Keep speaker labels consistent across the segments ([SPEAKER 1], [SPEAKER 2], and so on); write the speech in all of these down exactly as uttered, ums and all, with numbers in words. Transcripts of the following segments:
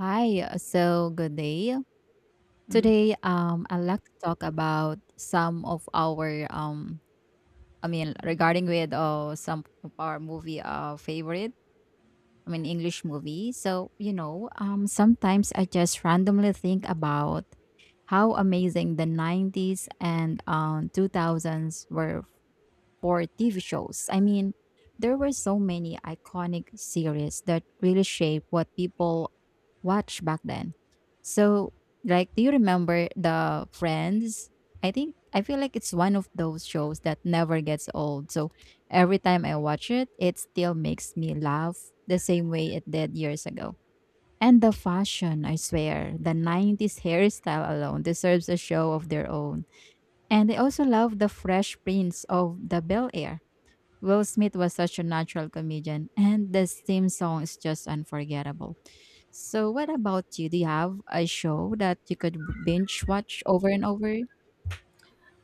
[SPEAKER 1] Hi, uh, so good day.
[SPEAKER 2] Mhm.
[SPEAKER 1] Today, um, I'd like to talk about some of our, um, I mean, regarding with uh, some of our movie uh, favorite, I mean, English movie. So, you know, um, sometimes I just randomly think about how amazing the nineties and um, two thousands were for T V shows. I mean, there were so many iconic series that really shaped what people watched back then. So, like, do you remember the Friends? I think I feel like it's one of those shows that never gets old. So every time I watch it, it still makes me laugh the same way it did years ago. And the fashion, I swear, the nineties hairstyle alone deserves a show of their own. And I also love the fresh prints of the Bel Air. Will Smith was such a natural comedian, and the theme song is just unforgettable. So, what about you? Do you have a show that you could binge watch over and over?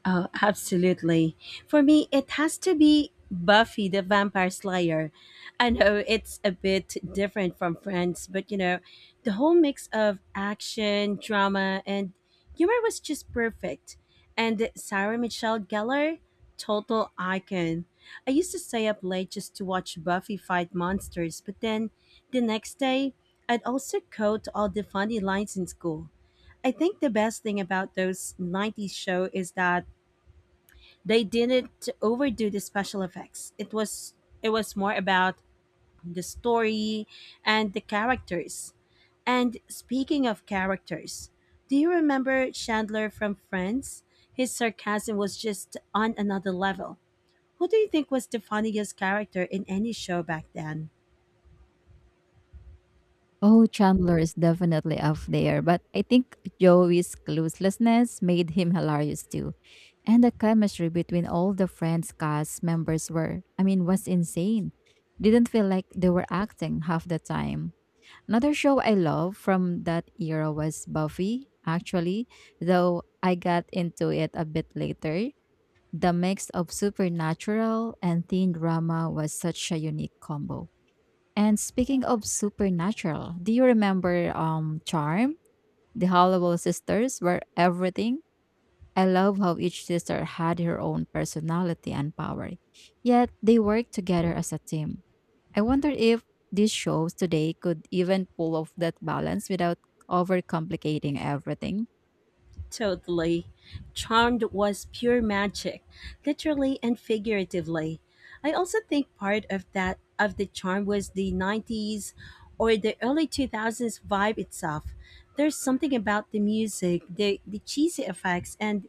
[SPEAKER 2] Oh, absolutely. For me, it has to be Buffy the Vampire Slayer. I know it's a bit different from Friends, but you know, the whole mix of action, drama, and humor was just perfect. And Sarah Michelle Gellar, total icon. I used to stay up late just to watch Buffy fight monsters, but then the next day, I'd also quote all the funny lines in school. I think the best thing about those nineties show is that they didn't overdo the special effects. It was it was more about the story and the characters. And speaking of characters, do you remember Chandler from Friends? His sarcasm was just on another level. Who do you think was the funniest character in any show back then?
[SPEAKER 1] Oh, Chandler is definitely up there, but I think Joey's cluelessness made him hilarious too. And the chemistry between all the Friends cast members were, I mean, was insane. Didn't feel like they were acting half the time. Another show I love from that era was Buffy, actually, though I got into it a bit later. The mix of supernatural and teen drama was such a unique combo. And speaking of supernatural, do you remember um Charm? The Hollowell sisters were everything. I love how each sister had her own personality and power, yet they worked together as a team. I wonder if these shows today could even pull off that balance without overcomplicating everything.
[SPEAKER 2] Totally. Charmed was pure magic, literally and figuratively. I also think part of that of the charm was the nineties or the early two thousands vibe itself. There's something about the music, the, the cheesy effects, and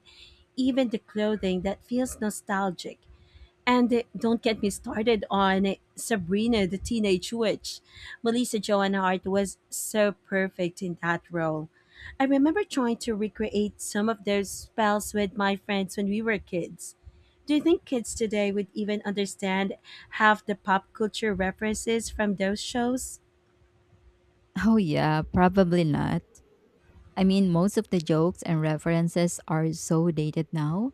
[SPEAKER 2] even the clothing that feels nostalgic. And don't get me started on Sabrina the Teenage Witch. Melissa Joan Hart was so perfect in that role. I remember trying to recreate some of those spells with my friends when we were kids. Do you think kids today would even understand half the pop culture references from those shows?
[SPEAKER 1] Oh, yeah, probably not. I mean, most of the jokes and references are so dated now.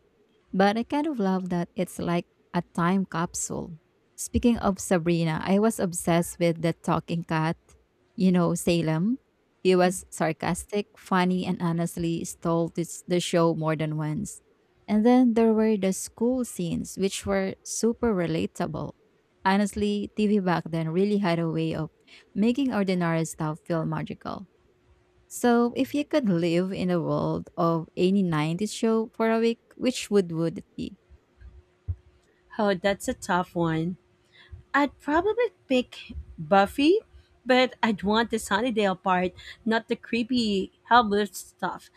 [SPEAKER 1] But I kind of love that it's like a time capsule. Speaking of Sabrina, I was obsessed with the talking cat, you know, Salem. He was sarcastic, funny, and honestly stole this, the show more than once. And then there were the school scenes, which were super relatable. Honestly, T V back then really had a way of making ordinary stuff feel magical. So, if you could live in the world of any nineties show for a week, which would would it be?
[SPEAKER 2] Oh, that's a tough one. I'd probably pick Buffy, but I'd want the Sunnydale part, not the creepy, helpless stuff.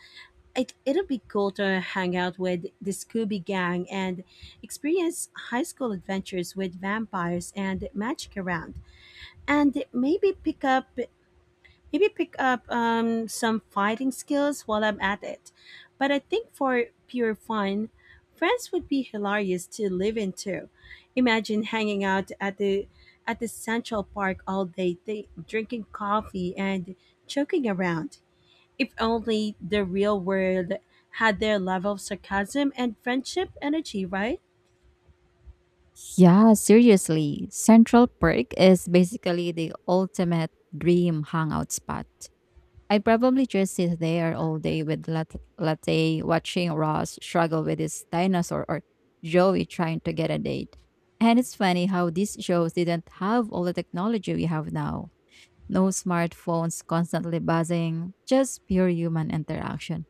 [SPEAKER 2] it, it'll be cool to hang out with the Scooby Gang and experience high school adventures with vampires and magic around, and maybe pick up maybe pick up um, some fighting skills while I'm at it. But I think for pure fun, friends would be hilarious to live into. Imagine hanging out at the at the Central Park all day, th- drinking coffee and joking around. If only the real world had their level of sarcasm and friendship energy, right?
[SPEAKER 1] Yeah, seriously. Central Park is basically the ultimate dream hangout spot. I probably just sit there all day with lat- latte, watching Ross struggle with his dinosaur or Joey trying to get a date. And it's funny how these shows didn't have all the technology we have now. No smartphones constantly buzzing, just pure human interaction.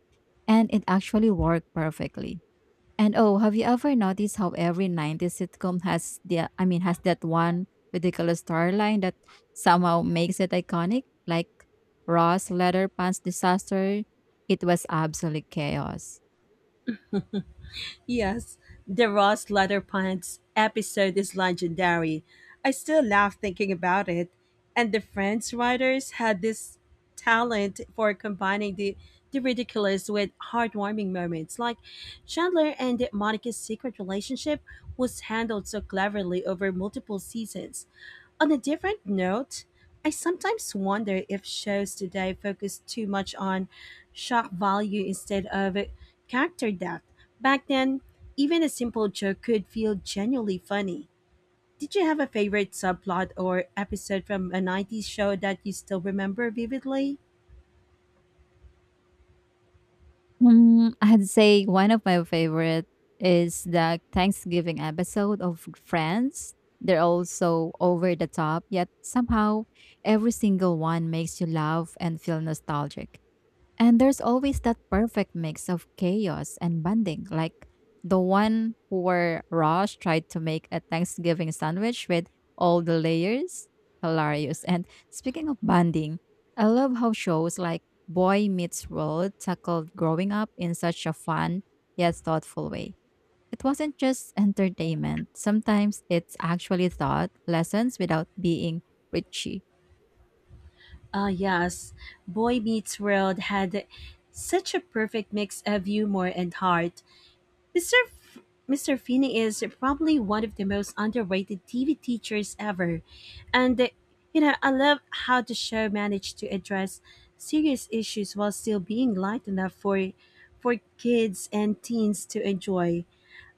[SPEAKER 1] And it actually worked perfectly. And oh, have you ever noticed how every nineties sitcom has the I mean has that one ridiculous storyline that somehow makes it iconic? Like Ross Leatherpants disaster, it was absolute chaos.
[SPEAKER 2] Yes, the Ross Leather Pants episode is legendary. I still laugh thinking about it. And the Friends writers had this talent for combining the, the ridiculous with heartwarming moments. Like Chandler and Monica's secret relationship was handled so cleverly over multiple seasons. On a different note, I sometimes wonder if shows today focus too much on shock value instead of character depth. Back then, even a simple joke could feel genuinely funny. Did you have a favorite subplot or episode from a nineties show that you still remember vividly?
[SPEAKER 1] Hmm, I'd say one of my favorite is the Thanksgiving episode of Friends. They're all so over the top, yet somehow every single one makes you laugh and feel nostalgic. And there's always that perfect mix of chaos and bonding, like the one where Ross tried to make a Thanksgiving sandwich with all the layers. Hilarious. And speaking of bonding, I love how shows like Boy Meets World tackled growing up in such a fun yet thoughtful way. It wasn't just entertainment, sometimes it's actually thought lessons without being preachy.
[SPEAKER 2] Ah, yes. Boy Meets World had such a perfect mix of humor and heart. Mister F- Mister Finney is probably one of the most underrated T V teachers ever. And, uh, you know, I love how the show managed to address serious issues while still being light enough for, for kids and teens to enjoy.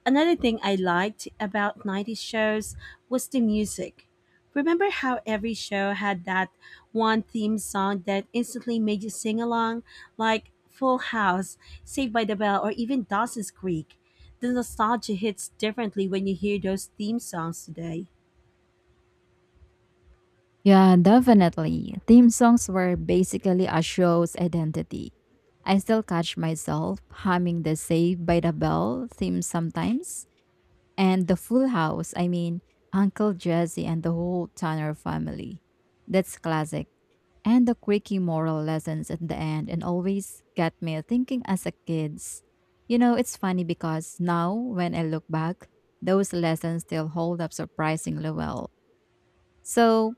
[SPEAKER 2] Another thing I liked about nineties shows was the music. Remember how every show had that one theme song that instantly made you sing along, like Full House, Saved by the Bell, or even Dawson's Creek? The nostalgia hits differently when you hear those theme songs today.
[SPEAKER 1] Yeah, definitely. Theme songs were basically a show's identity. I still catch myself humming the Saved by the Bell theme sometimes, and the Full House, I mean, Uncle Jesse and the whole Tanner family. That's classic. And the quirky moral lessons at the end and always get me thinking as a kids. You know, it's funny because now when I look back, those lessons still hold up surprisingly well. So,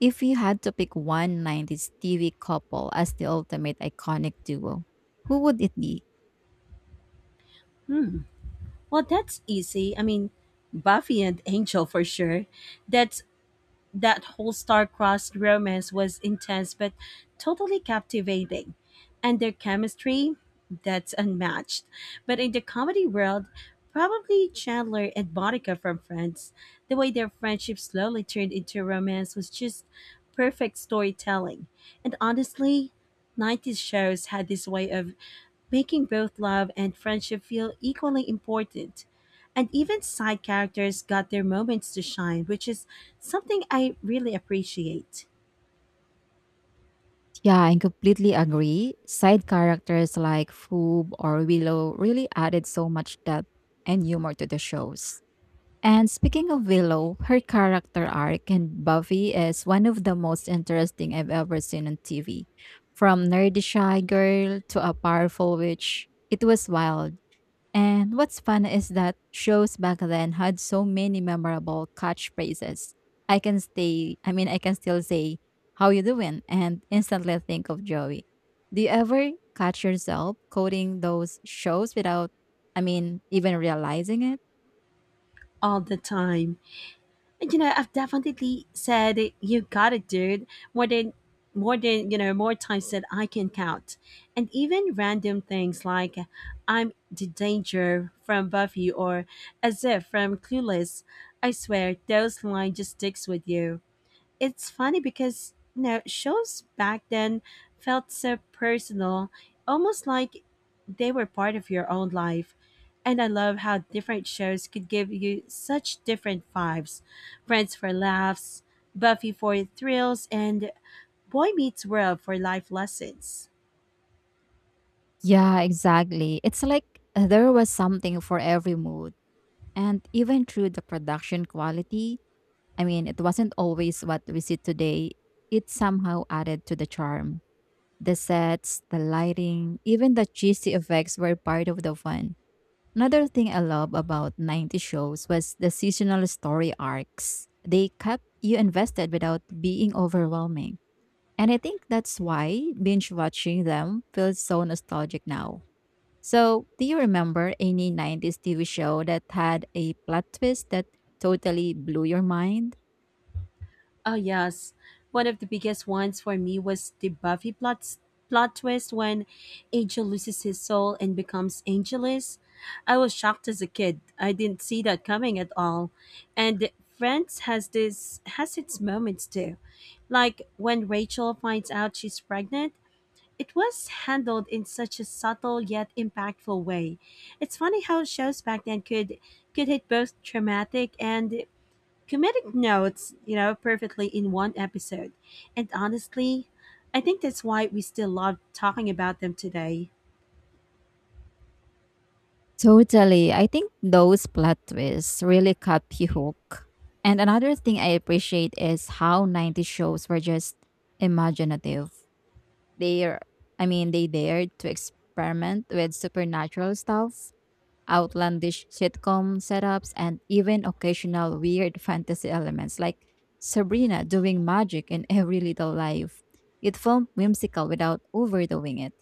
[SPEAKER 1] if you had to pick one nineties T V couple as the ultimate iconic duo, who would it be?
[SPEAKER 2] Well, that's easy. I mean, Buffy and Angel for sure. That's that whole star-crossed romance was intense but totally captivating, and their chemistry, that's unmatched. But in the comedy world, probably Chandler and Monica from Friends. The way their friendship slowly turned into romance was just perfect storytelling. And honestly, nineties shows had this way of making both love and friendship feel equally important, and even side characters got their moments to shine, which is something I really appreciate
[SPEAKER 1] Yeah, I completely agree. Side characters like Foob or Willow really added so much depth and humor to the shows. And speaking of Willow, her character arc in Buffy is one of the most interesting I've ever seen on T V. From nerdy shy girl to a powerful witch, it was wild. And what's fun is that shows back then had so many memorable catchphrases. I can stay, I mean, I can still say, how you doing? And instantly think of Joey. Do you ever catch yourself quoting those shows without, I mean, even realizing it?
[SPEAKER 2] all the time. And you know, I've definitely said "You got it, dude," more than more than you know, more times that I can count. And even random things like "I'm the danger" from Buffy or "as if" from Clueless. I swear those lines just sticks with you. It's funny because you know, shows back then felt so personal, almost like they were part of your own life. And I love how different shows could give you such different vibes. Friends for laughs, Buffy for thrills, and Boy Meets World for life lessons.
[SPEAKER 1] Yeah, exactly. It's like there was something for every mood. And even through the production quality, I mean, it wasn't always what we see today. It somehow added to the charm. The sets, the lighting, even the cheesy effects were part of the fun. Another thing I love about ninety shows was the seasonal story arcs. They kept you invested without being overwhelming. And I think that's why binge watching them feels so nostalgic now. So, do you remember any nineties T V show that had a plot twist that totally blew your mind?
[SPEAKER 2] Oh yes, one of the biggest ones for me was the Buffy plot plot twist when Angel loses his soul and becomes Angelus. I was shocked as a kid. I didn't see that coming at all. And Friends has this has its moments too. Like when Rachel finds out she's pregnant, it was handled in such a subtle yet impactful way. It's funny how shows back then could could hit both dramatic and comedic notes, you know, perfectly in one episode. And honestly, I think that's why we still love talking about them today.
[SPEAKER 1] Totally. I think those plot twists really cut you hook. And another thing I appreciate is how nineties shows were just imaginative. They are, I mean, they dared to experiment with supernatural stuff outlandish sitcom setups, and even occasional weird fantasy elements like Sabrina doing magic in every little life. It felt whimsical without overdoing it.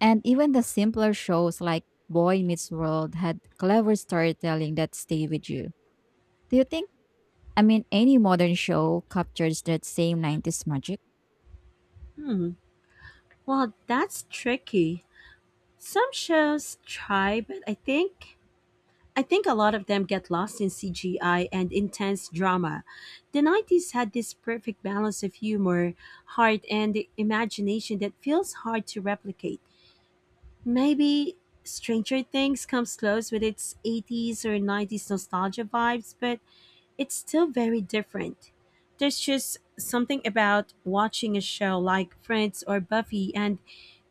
[SPEAKER 1] And even the simpler shows like Boy Meets World had clever storytelling that stayed with you. Do you think, I mean, any modern show captures that same nineties magic?
[SPEAKER 2] Hmm. Well, that's tricky. Some shows try, but I think I think a lot of them get lost in C G I and intense drama. The nineties had this perfect balance of humor, heart, and imagination that feels hard to replicate. Maybe Stranger Things comes close with its eighties or nineties nostalgia vibes, but it's still very different. There's just something about watching a show like Friends or Buffy and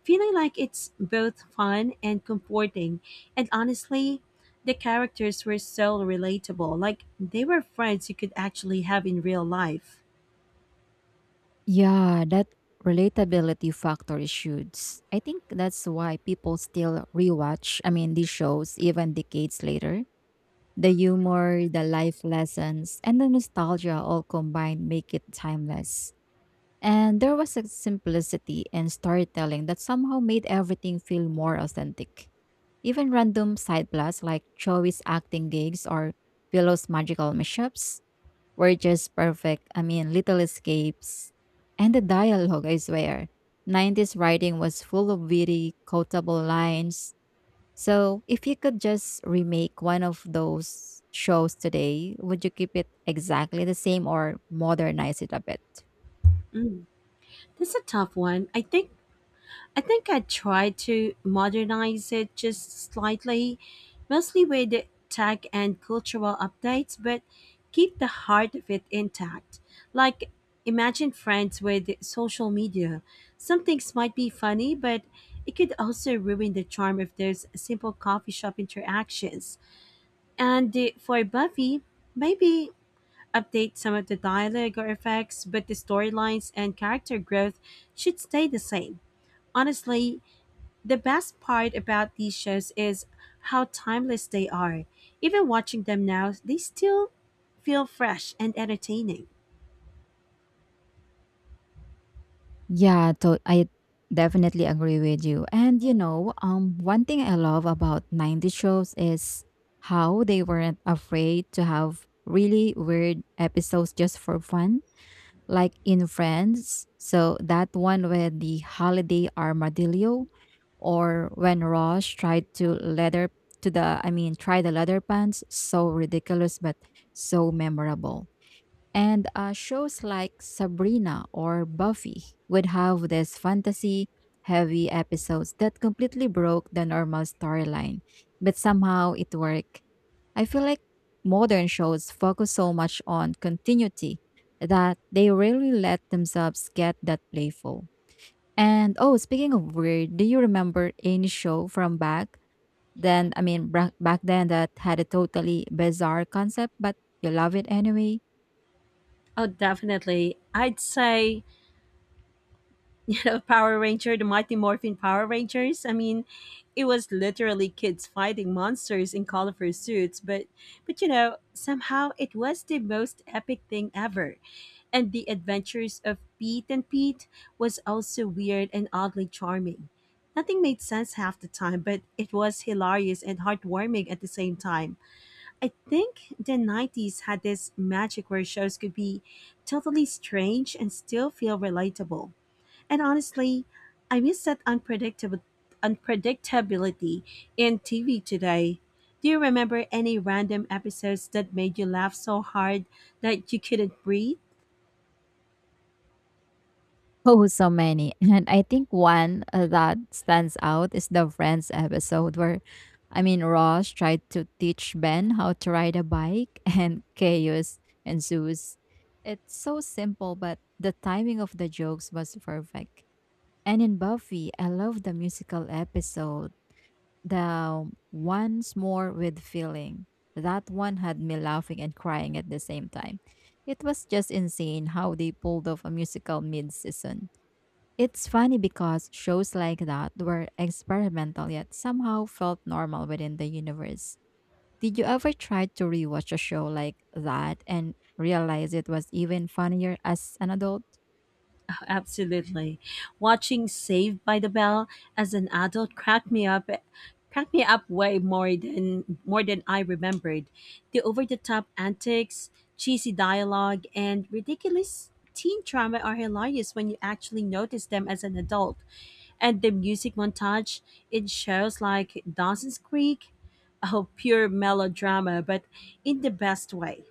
[SPEAKER 2] feeling like it's both fun and comforting. And honestly, the characters were so relatable, like they were friends you could actually have in real life.
[SPEAKER 1] Yeah, that relatability factor is huge. I think that's why people still rewatch, I mean, these shows even decades later. The humor, the life lessons, and the nostalgia all combined make it timeless. And there was a simplicity in storytelling that somehow made everything feel more authentic. Even random side plots like Joey's acting gigs or Willow's magical mishaps were just perfect. I mean, little escapes. And the dialogue, I swear. nineties writing was full of witty, quotable lines. So, if you could just remake one of those shows today, would you keep it exactly the same or modernize it a bit?
[SPEAKER 2] Mm, That's a tough one. I think I think I tried to modernize it just slightly, mostly with tech and cultural updates, but keep the heart of it intact. Like, imagine friends with social media. Some things might be funny, but it could also ruin the charm of those simple coffee shop interactions. And uh, for Buffy, maybe update some of the dialogue or effects, but the storylines and character growth should stay the same. Honestly, the best part about these shows is how timeless they are. Even watching them now, they still feel fresh and entertaining.
[SPEAKER 1] Yeah, to- I definitely agree with you. And you know, um, one thing I love about nineties shows is how they weren't afraid to have really weird episodes just for fun. Like in France. So that one with the holiday armadillo, or when Ross tried to leather to the I mean try the leather pants, so ridiculous but so memorable. And uh, shows like Sabrina or Buffy would have this fantasy heavy episodes that completely broke the normal storyline, but somehow it worked. I feel like modern shows focus so much on continuity that they rarely let themselves get that playful. And oh, speaking of weird, do you remember any show from back then? I mean, bra- back then that had a totally bizarre concept, but you love it anyway?
[SPEAKER 2] Oh, definitely. I'd say you know, Power Ranger, the Mighty Morphin Power Rangers. I mean, it was literally kids fighting monsters in colorful suits, but but you know, somehow it was the most epic thing ever. And the adventures of Pete and Pete was also weird and oddly charming. Nothing made sense half the time, but it was hilarious and heartwarming at the same time. I think the nineties had this magic where shows could be totally strange and still feel relatable. And honestly, I miss that unpredictable unpredictability in T V today. Do you remember any random episodes that made you laugh so hard that you couldn't breathe?
[SPEAKER 1] Oh, so many. And I think one uh, that stands out is the Friends episode where, I mean, Ross tried to teach Ben how to ride a bike and chaos ensues. It's so simple, but the timing of the jokes was perfect. And in Buffy, I love the musical episode, the Once More with Feeling. That one had me laughing and crying at the same time. It was just insane how they pulled off a musical mid season. It's funny because shows like that were experimental yet somehow felt normal within the universe. Did you ever try to rewatch a show like that and realize it was even funnier as an adult?
[SPEAKER 2] Oh, absolutely. Watching Saved by the Bell as an adult cracked me up cracked me up way more than more than I remembered. The over-the-top antics, cheesy dialogue, and ridiculous teen trauma are hilarious when you actually notice them as an adult. And the music montage, it shows like Dawson's Creek, oh, pure melodrama, but in the best way.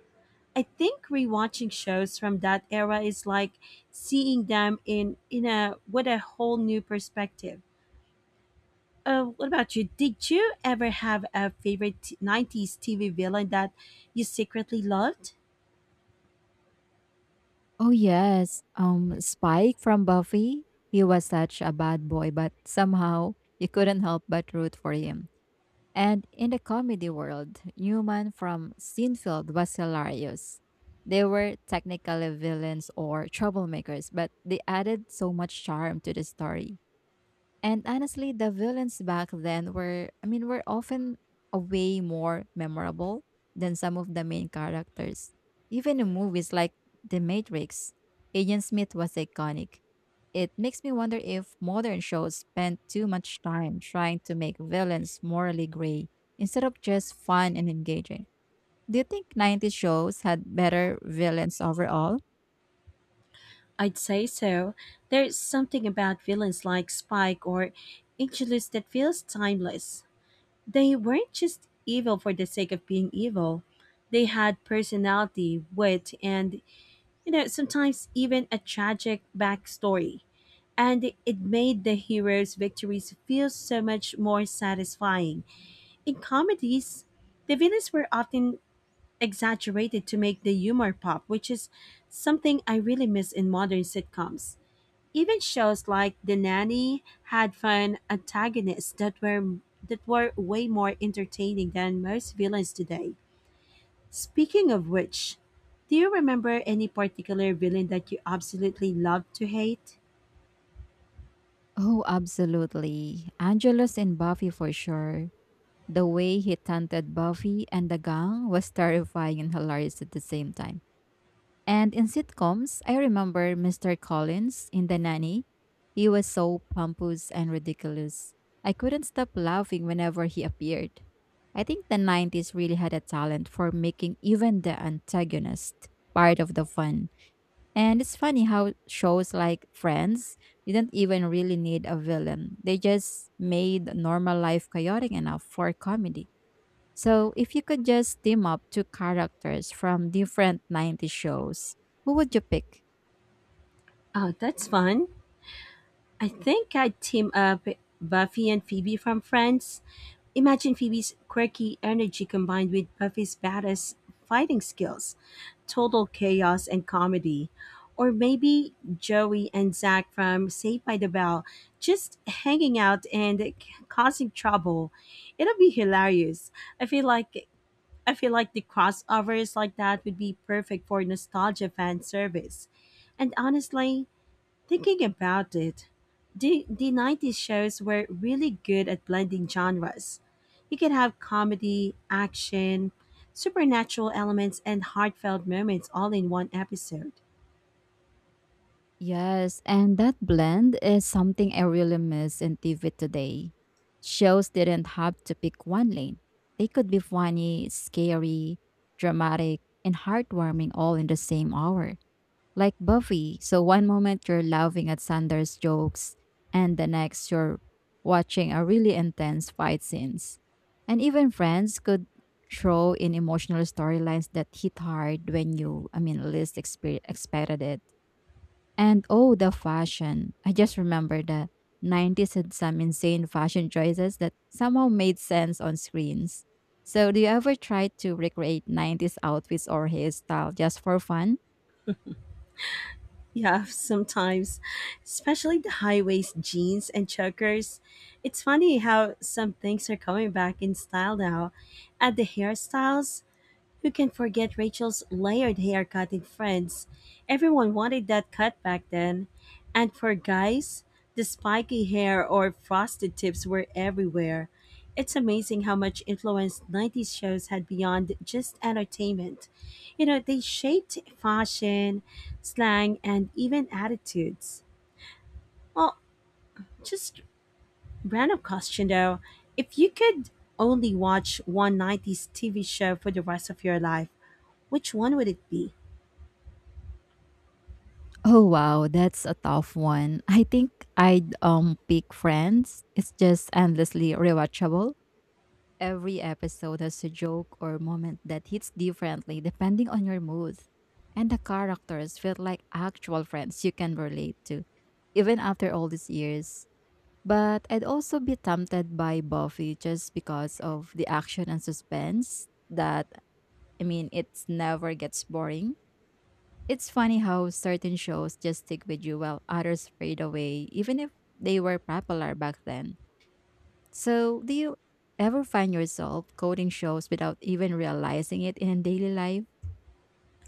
[SPEAKER 2] I think rewatching shows from that era is like seeing them in in a with a whole new perspective. Uh, what about you? Did you ever have a favorite t- nineties T V villain that you secretly loved?
[SPEAKER 1] Oh yes, um Spike from Buffy. He was such a bad boy, but somehow you couldn't help but root for him. And in the comedy world, Newman from Seinfeld was hilarious. They were technically villains or troublemakers, but they added so much charm to the story. And honestly, the villains back then were, I mean, were often a way more memorable than some of the main characters. Even in movies like The Matrix, Agent Smith was iconic. It makes me wonder if modern shows spend too much time trying to make villains morally gray instead of just fun and engaging. Do you think nineties shows had better villains overall?
[SPEAKER 2] I'd say so. There's something about villains like Spike or Angelus that feels timeless. They weren't just evil for the sake of being evil. They had personality, wit, and, you know, sometimes even a tragic backstory. And it made the heroes' victories feel so much more satisfying. In comedies, the villains were often exaggerated to make the humor pop, which is something I really miss in modern sitcoms. Even shows like The Nanny had fun antagonists that were that were way more entertaining than most villains today. Speaking of which, do you remember any particular villain that you absolutely loved to hate?
[SPEAKER 1] Oh, absolutely. Angelus in Buffy for sure. The way he taunted Buffy and the gang was terrifying and hilarious at the same time. And in sitcoms, I remember mister Collins in The Nanny. He was so pompous and ridiculous. I couldn't stop laughing whenever he appeared. I think the nineties really had a talent for making even the antagonist part of the fun. And it's funny how shows like Friends didn't even really need a villain, they just made normal life chaotic enough for comedy. So, if you could just team up two characters from different nineties shows, who would you pick?
[SPEAKER 2] Oh, that's fun. I think I'd team up Buffy and Phoebe from Friends. Imagine Phoebe's quirky energy combined with Buffy's badass fighting skills, total chaos and comedy. Or maybe Joey and Zach from Saved by the Bell just hanging out and c- causing trouble. It'll be hilarious. I feel like I feel like the crossovers like that would be perfect for nostalgia fan service. And honestly, thinking about it, the, the nineties shows were really good at blending genres. You could have comedy, action, supernatural elements, and heartfelt moments all in one episode.
[SPEAKER 1] Yes, and that blend is something I really miss in T V today. Shows didn't have to pick one lane, they could be funny, scary, dramatic, and heartwarming all in the same hour. Like Buffy, so one moment you're laughing at Sanders' jokes, and the next you're watching a really intense fight scenes. And even Friends could throw in emotional storylines that hit hard when you, I mean, least expe- expected it. And oh, the fashion. I just remember the nineties had some insane fashion choices that somehow made sense on screens. So, do you ever try to recreate nineties outfits or hairstyle just for fun?
[SPEAKER 2] Yeah, sometimes, especially the high waist jeans and chokers. It's funny how some things are coming back in style now, and the hairstyles. Who can forget Rachel's layered haircut in Friends? Everyone wanted that cut back then. And for guys, the spiky hair or frosted tips were everywhere. It's amazing how much influence nineties shows had beyond just entertainment. You know, they shaped fashion, slang, and even attitudes. Well, just random question though. If you could only watch one nineties T V show for the rest of your life, which one would it be?
[SPEAKER 1] Oh wow, that's a tough one. I think I'd um pick Friends. It's just endlessly rewatchable. Every episode has a joke or moment that hits differently depending on your mood. And the characters feel like actual friends you can relate to, even after all these years. But I'd also be tempted by Buffy just because of the action and suspense that, I mean, it never gets boring. It's funny how certain shows just stick with you while others fade away, even if they were popular back then. So, do you ever find yourself quoting shows without even realizing it in daily life?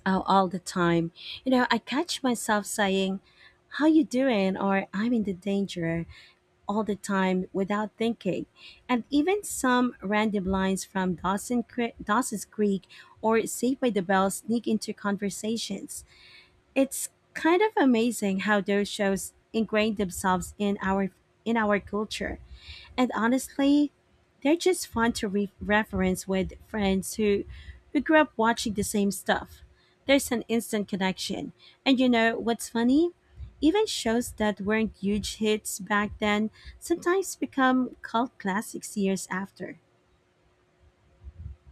[SPEAKER 2] Out all the time. You know, I catch myself saying, "How you doing?" or "I'm in the danger" all the time without thinking. And even some random lines from Dawson Cre- Dawson's Creek or Saved by the Bell sneak into conversations. It's kind of amazing how those shows ingrained themselves in our in our culture. And honestly, they're just fun to re- reference with friends who who grew up watching the same stuff. There's an instant connection. And you know what's funny? Even shows that weren't huge hits back then sometimes become cult classics years after.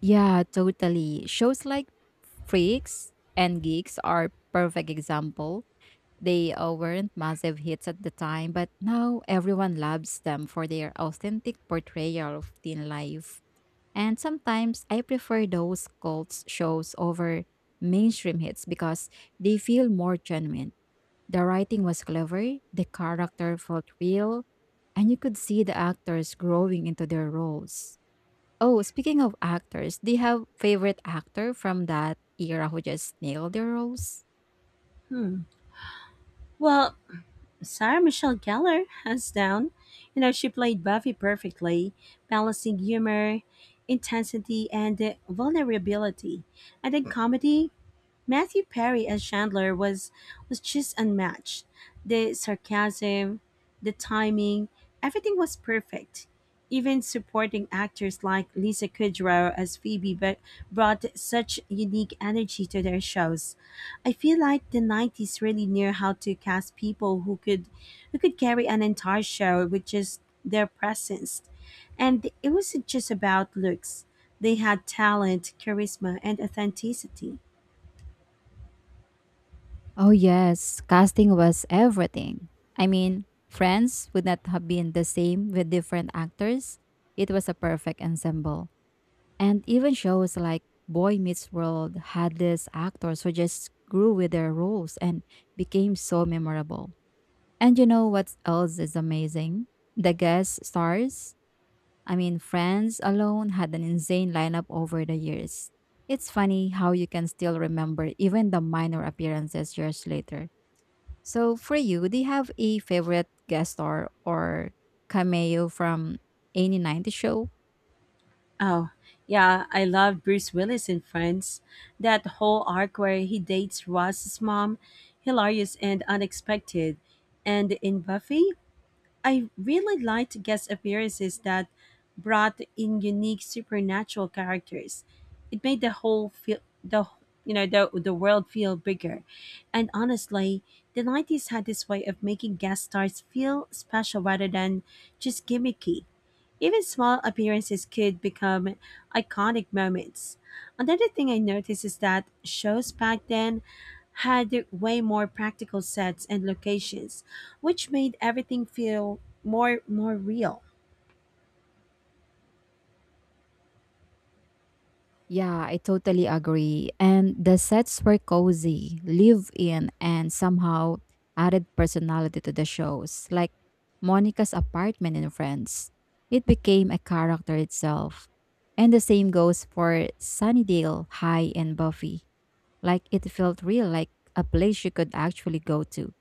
[SPEAKER 1] Yeah, totally. Shows like Freaks and Geeks are perfect example. They uh, weren't massive hits at the time, but now everyone loves them for their authentic portrayal of teen life. And sometimes I prefer those cult shows over mainstream hits because they feel more genuine. The writing was clever, the character felt real, and you could see the actors growing into their roles. Oh, speaking of actors, do you have favorite actor from that era who just nailed their roles?
[SPEAKER 2] Hmm. Well, Sarah Michelle Gellar, hands down. You know, she played Buffy perfectly, balancing humor, intensity, and uh, vulnerability. And in comedy, Matthew Perry as Chandler was was just unmatched. The sarcasm, the timing, everything was perfect. Even supporting actors like Lisa Kudrow as Phoebe but brought such unique energy to their shows. I feel like the nineties really knew how to cast people who could who could carry an entire show with just their presence. And it wasn't just about looks. They had talent, charisma, and authenticity.
[SPEAKER 1] Oh, yes, casting was everything. I mean, Friends would not have been the same with different actors. It was a perfect ensemble. And even shows like Boy Meets World had these actors who just grew with their roles and became so memorable. And you know what else is amazing? The guest stars. I mean, Friends alone had an insane lineup over the years. It's funny how you can still remember even the minor appearances years later. So for you, do you have a favorite guest star or cameo from any ninety show?
[SPEAKER 2] Oh, yeah, I love Bruce Willis in Friends. That whole arc where he dates Ross's mom, hilarious and unexpected. And in Buffy, I really liked guest appearances that brought in unique supernatural characters. It made the whole feel the you know the the world feel bigger. And honestly, the nineties had this way of making guest stars feel special rather than just gimmicky. Even small appearances could become iconic moments. Another thing I noticed is that shows back then had way more practical sets and locations, which made everything feel more more real.
[SPEAKER 1] Yeah, I totally agree. And the sets were cozy, live in, and somehow added personality to the shows, like Monica's apartment in Friends. It became a character itself. And the same goes for Sunnydale High and Buffy. Like it felt real, like a place you could actually go to.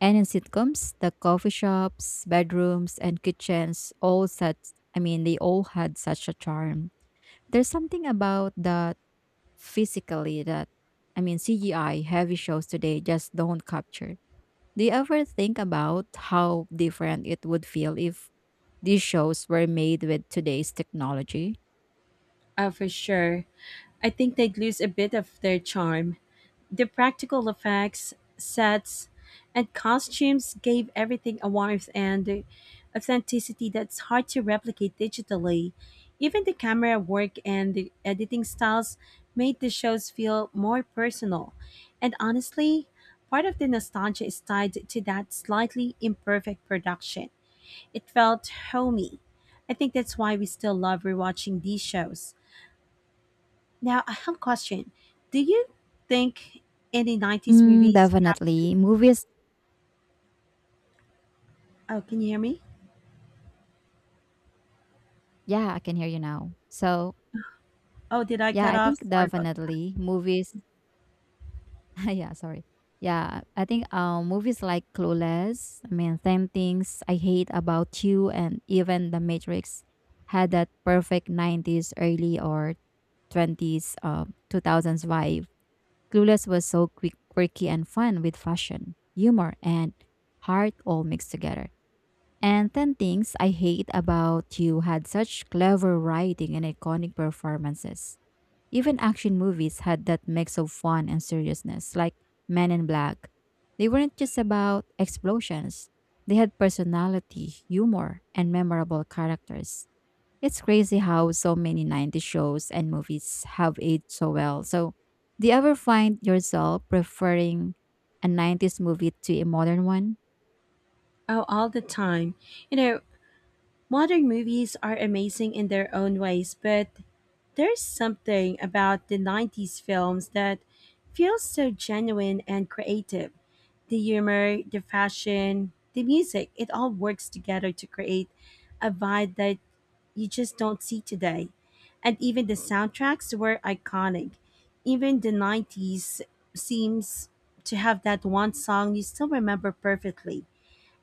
[SPEAKER 1] And in sitcoms, the coffee shops, bedrooms, and kitchens all such I mean, they all had such a charm. There's something about that physically that I mean C G I heavy shows today just don't capture. Do you ever think about how different it would feel if these shows were made with today's technology?
[SPEAKER 2] Uh, for sure. I think they'd lose a bit of their charm. The practical effects, sets, and costumes gave everything a warmth and authenticity that's hard to replicate digitally. Even the camera work and the editing styles made the shows feel more personal. And honestly, part of the nostalgia is tied to that slightly imperfect production. It felt homey. I think that's why we still love rewatching these shows. Now, I have a question. Do you think any nineties
[SPEAKER 1] Mm,
[SPEAKER 2] movies captured?
[SPEAKER 1] definitely. Movies
[SPEAKER 2] Oh, can you hear me?
[SPEAKER 1] yeah, I can hear you now. So
[SPEAKER 2] Oh, did I
[SPEAKER 1] yeah,
[SPEAKER 2] cut
[SPEAKER 1] I
[SPEAKER 2] off?
[SPEAKER 1] think
[SPEAKER 2] Sorry about.
[SPEAKER 1] definitely movies yeah, sorry. Yeah, I think uh, movies like Clueless, I mean, ten Things I Hate About You, and even The Matrix had that perfect nineties, early or twenties, uh, two thousands vibe. Clueless was so quick, quirky and fun with fashion, humor, and heart all mixed together. And ten Things I Hate About You had such clever writing and iconic performances. Even action movies had that mix of fun and seriousness, like Men in Black. They weren't just about explosions, they had personality, humor, and memorable characters. It's crazy how so many nineties shows and movies have aged so well. So, do you ever find yourself preferring a nineties movie to a modern one?
[SPEAKER 2] Oh, all the time. You know, modern movies are amazing in their own ways, but there's something about the nineties films that feels so genuine and creative. The humor, the fashion, the music, it all works together to create a vibe that you just don't see today. And even the soundtracks were iconic. Even the nineties seems to have that one song you still remember perfectly.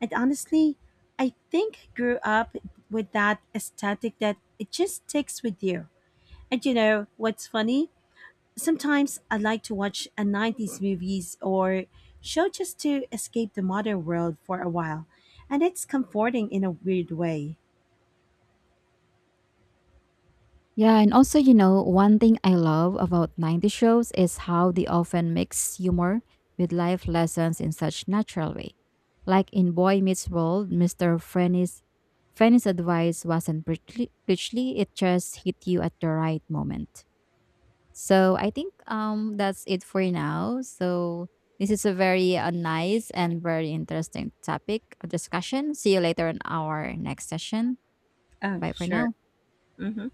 [SPEAKER 2] And honestly, I think I grew up with that aesthetic that it just sticks with you. And you know what's funny? Sometimes I like to watch a nineties movies or show just to escape the modern world for a while. And it's comforting in a weird way.
[SPEAKER 1] Yeah, and also, you know, one thing I love about ninety shows is how they often mix humor with life lessons in such natural way. Like in Boy Meets World, mister Frenny's, Frenny's advice wasn't preachly, preachly, it just hit you at the right moment. So I think um that's it for now. So this is a very uh, nice and very interesting topic of discussion. See you later in our next session.
[SPEAKER 2] Oh,
[SPEAKER 1] Bye for
[SPEAKER 2] sure.
[SPEAKER 1] now.
[SPEAKER 2] Hmm.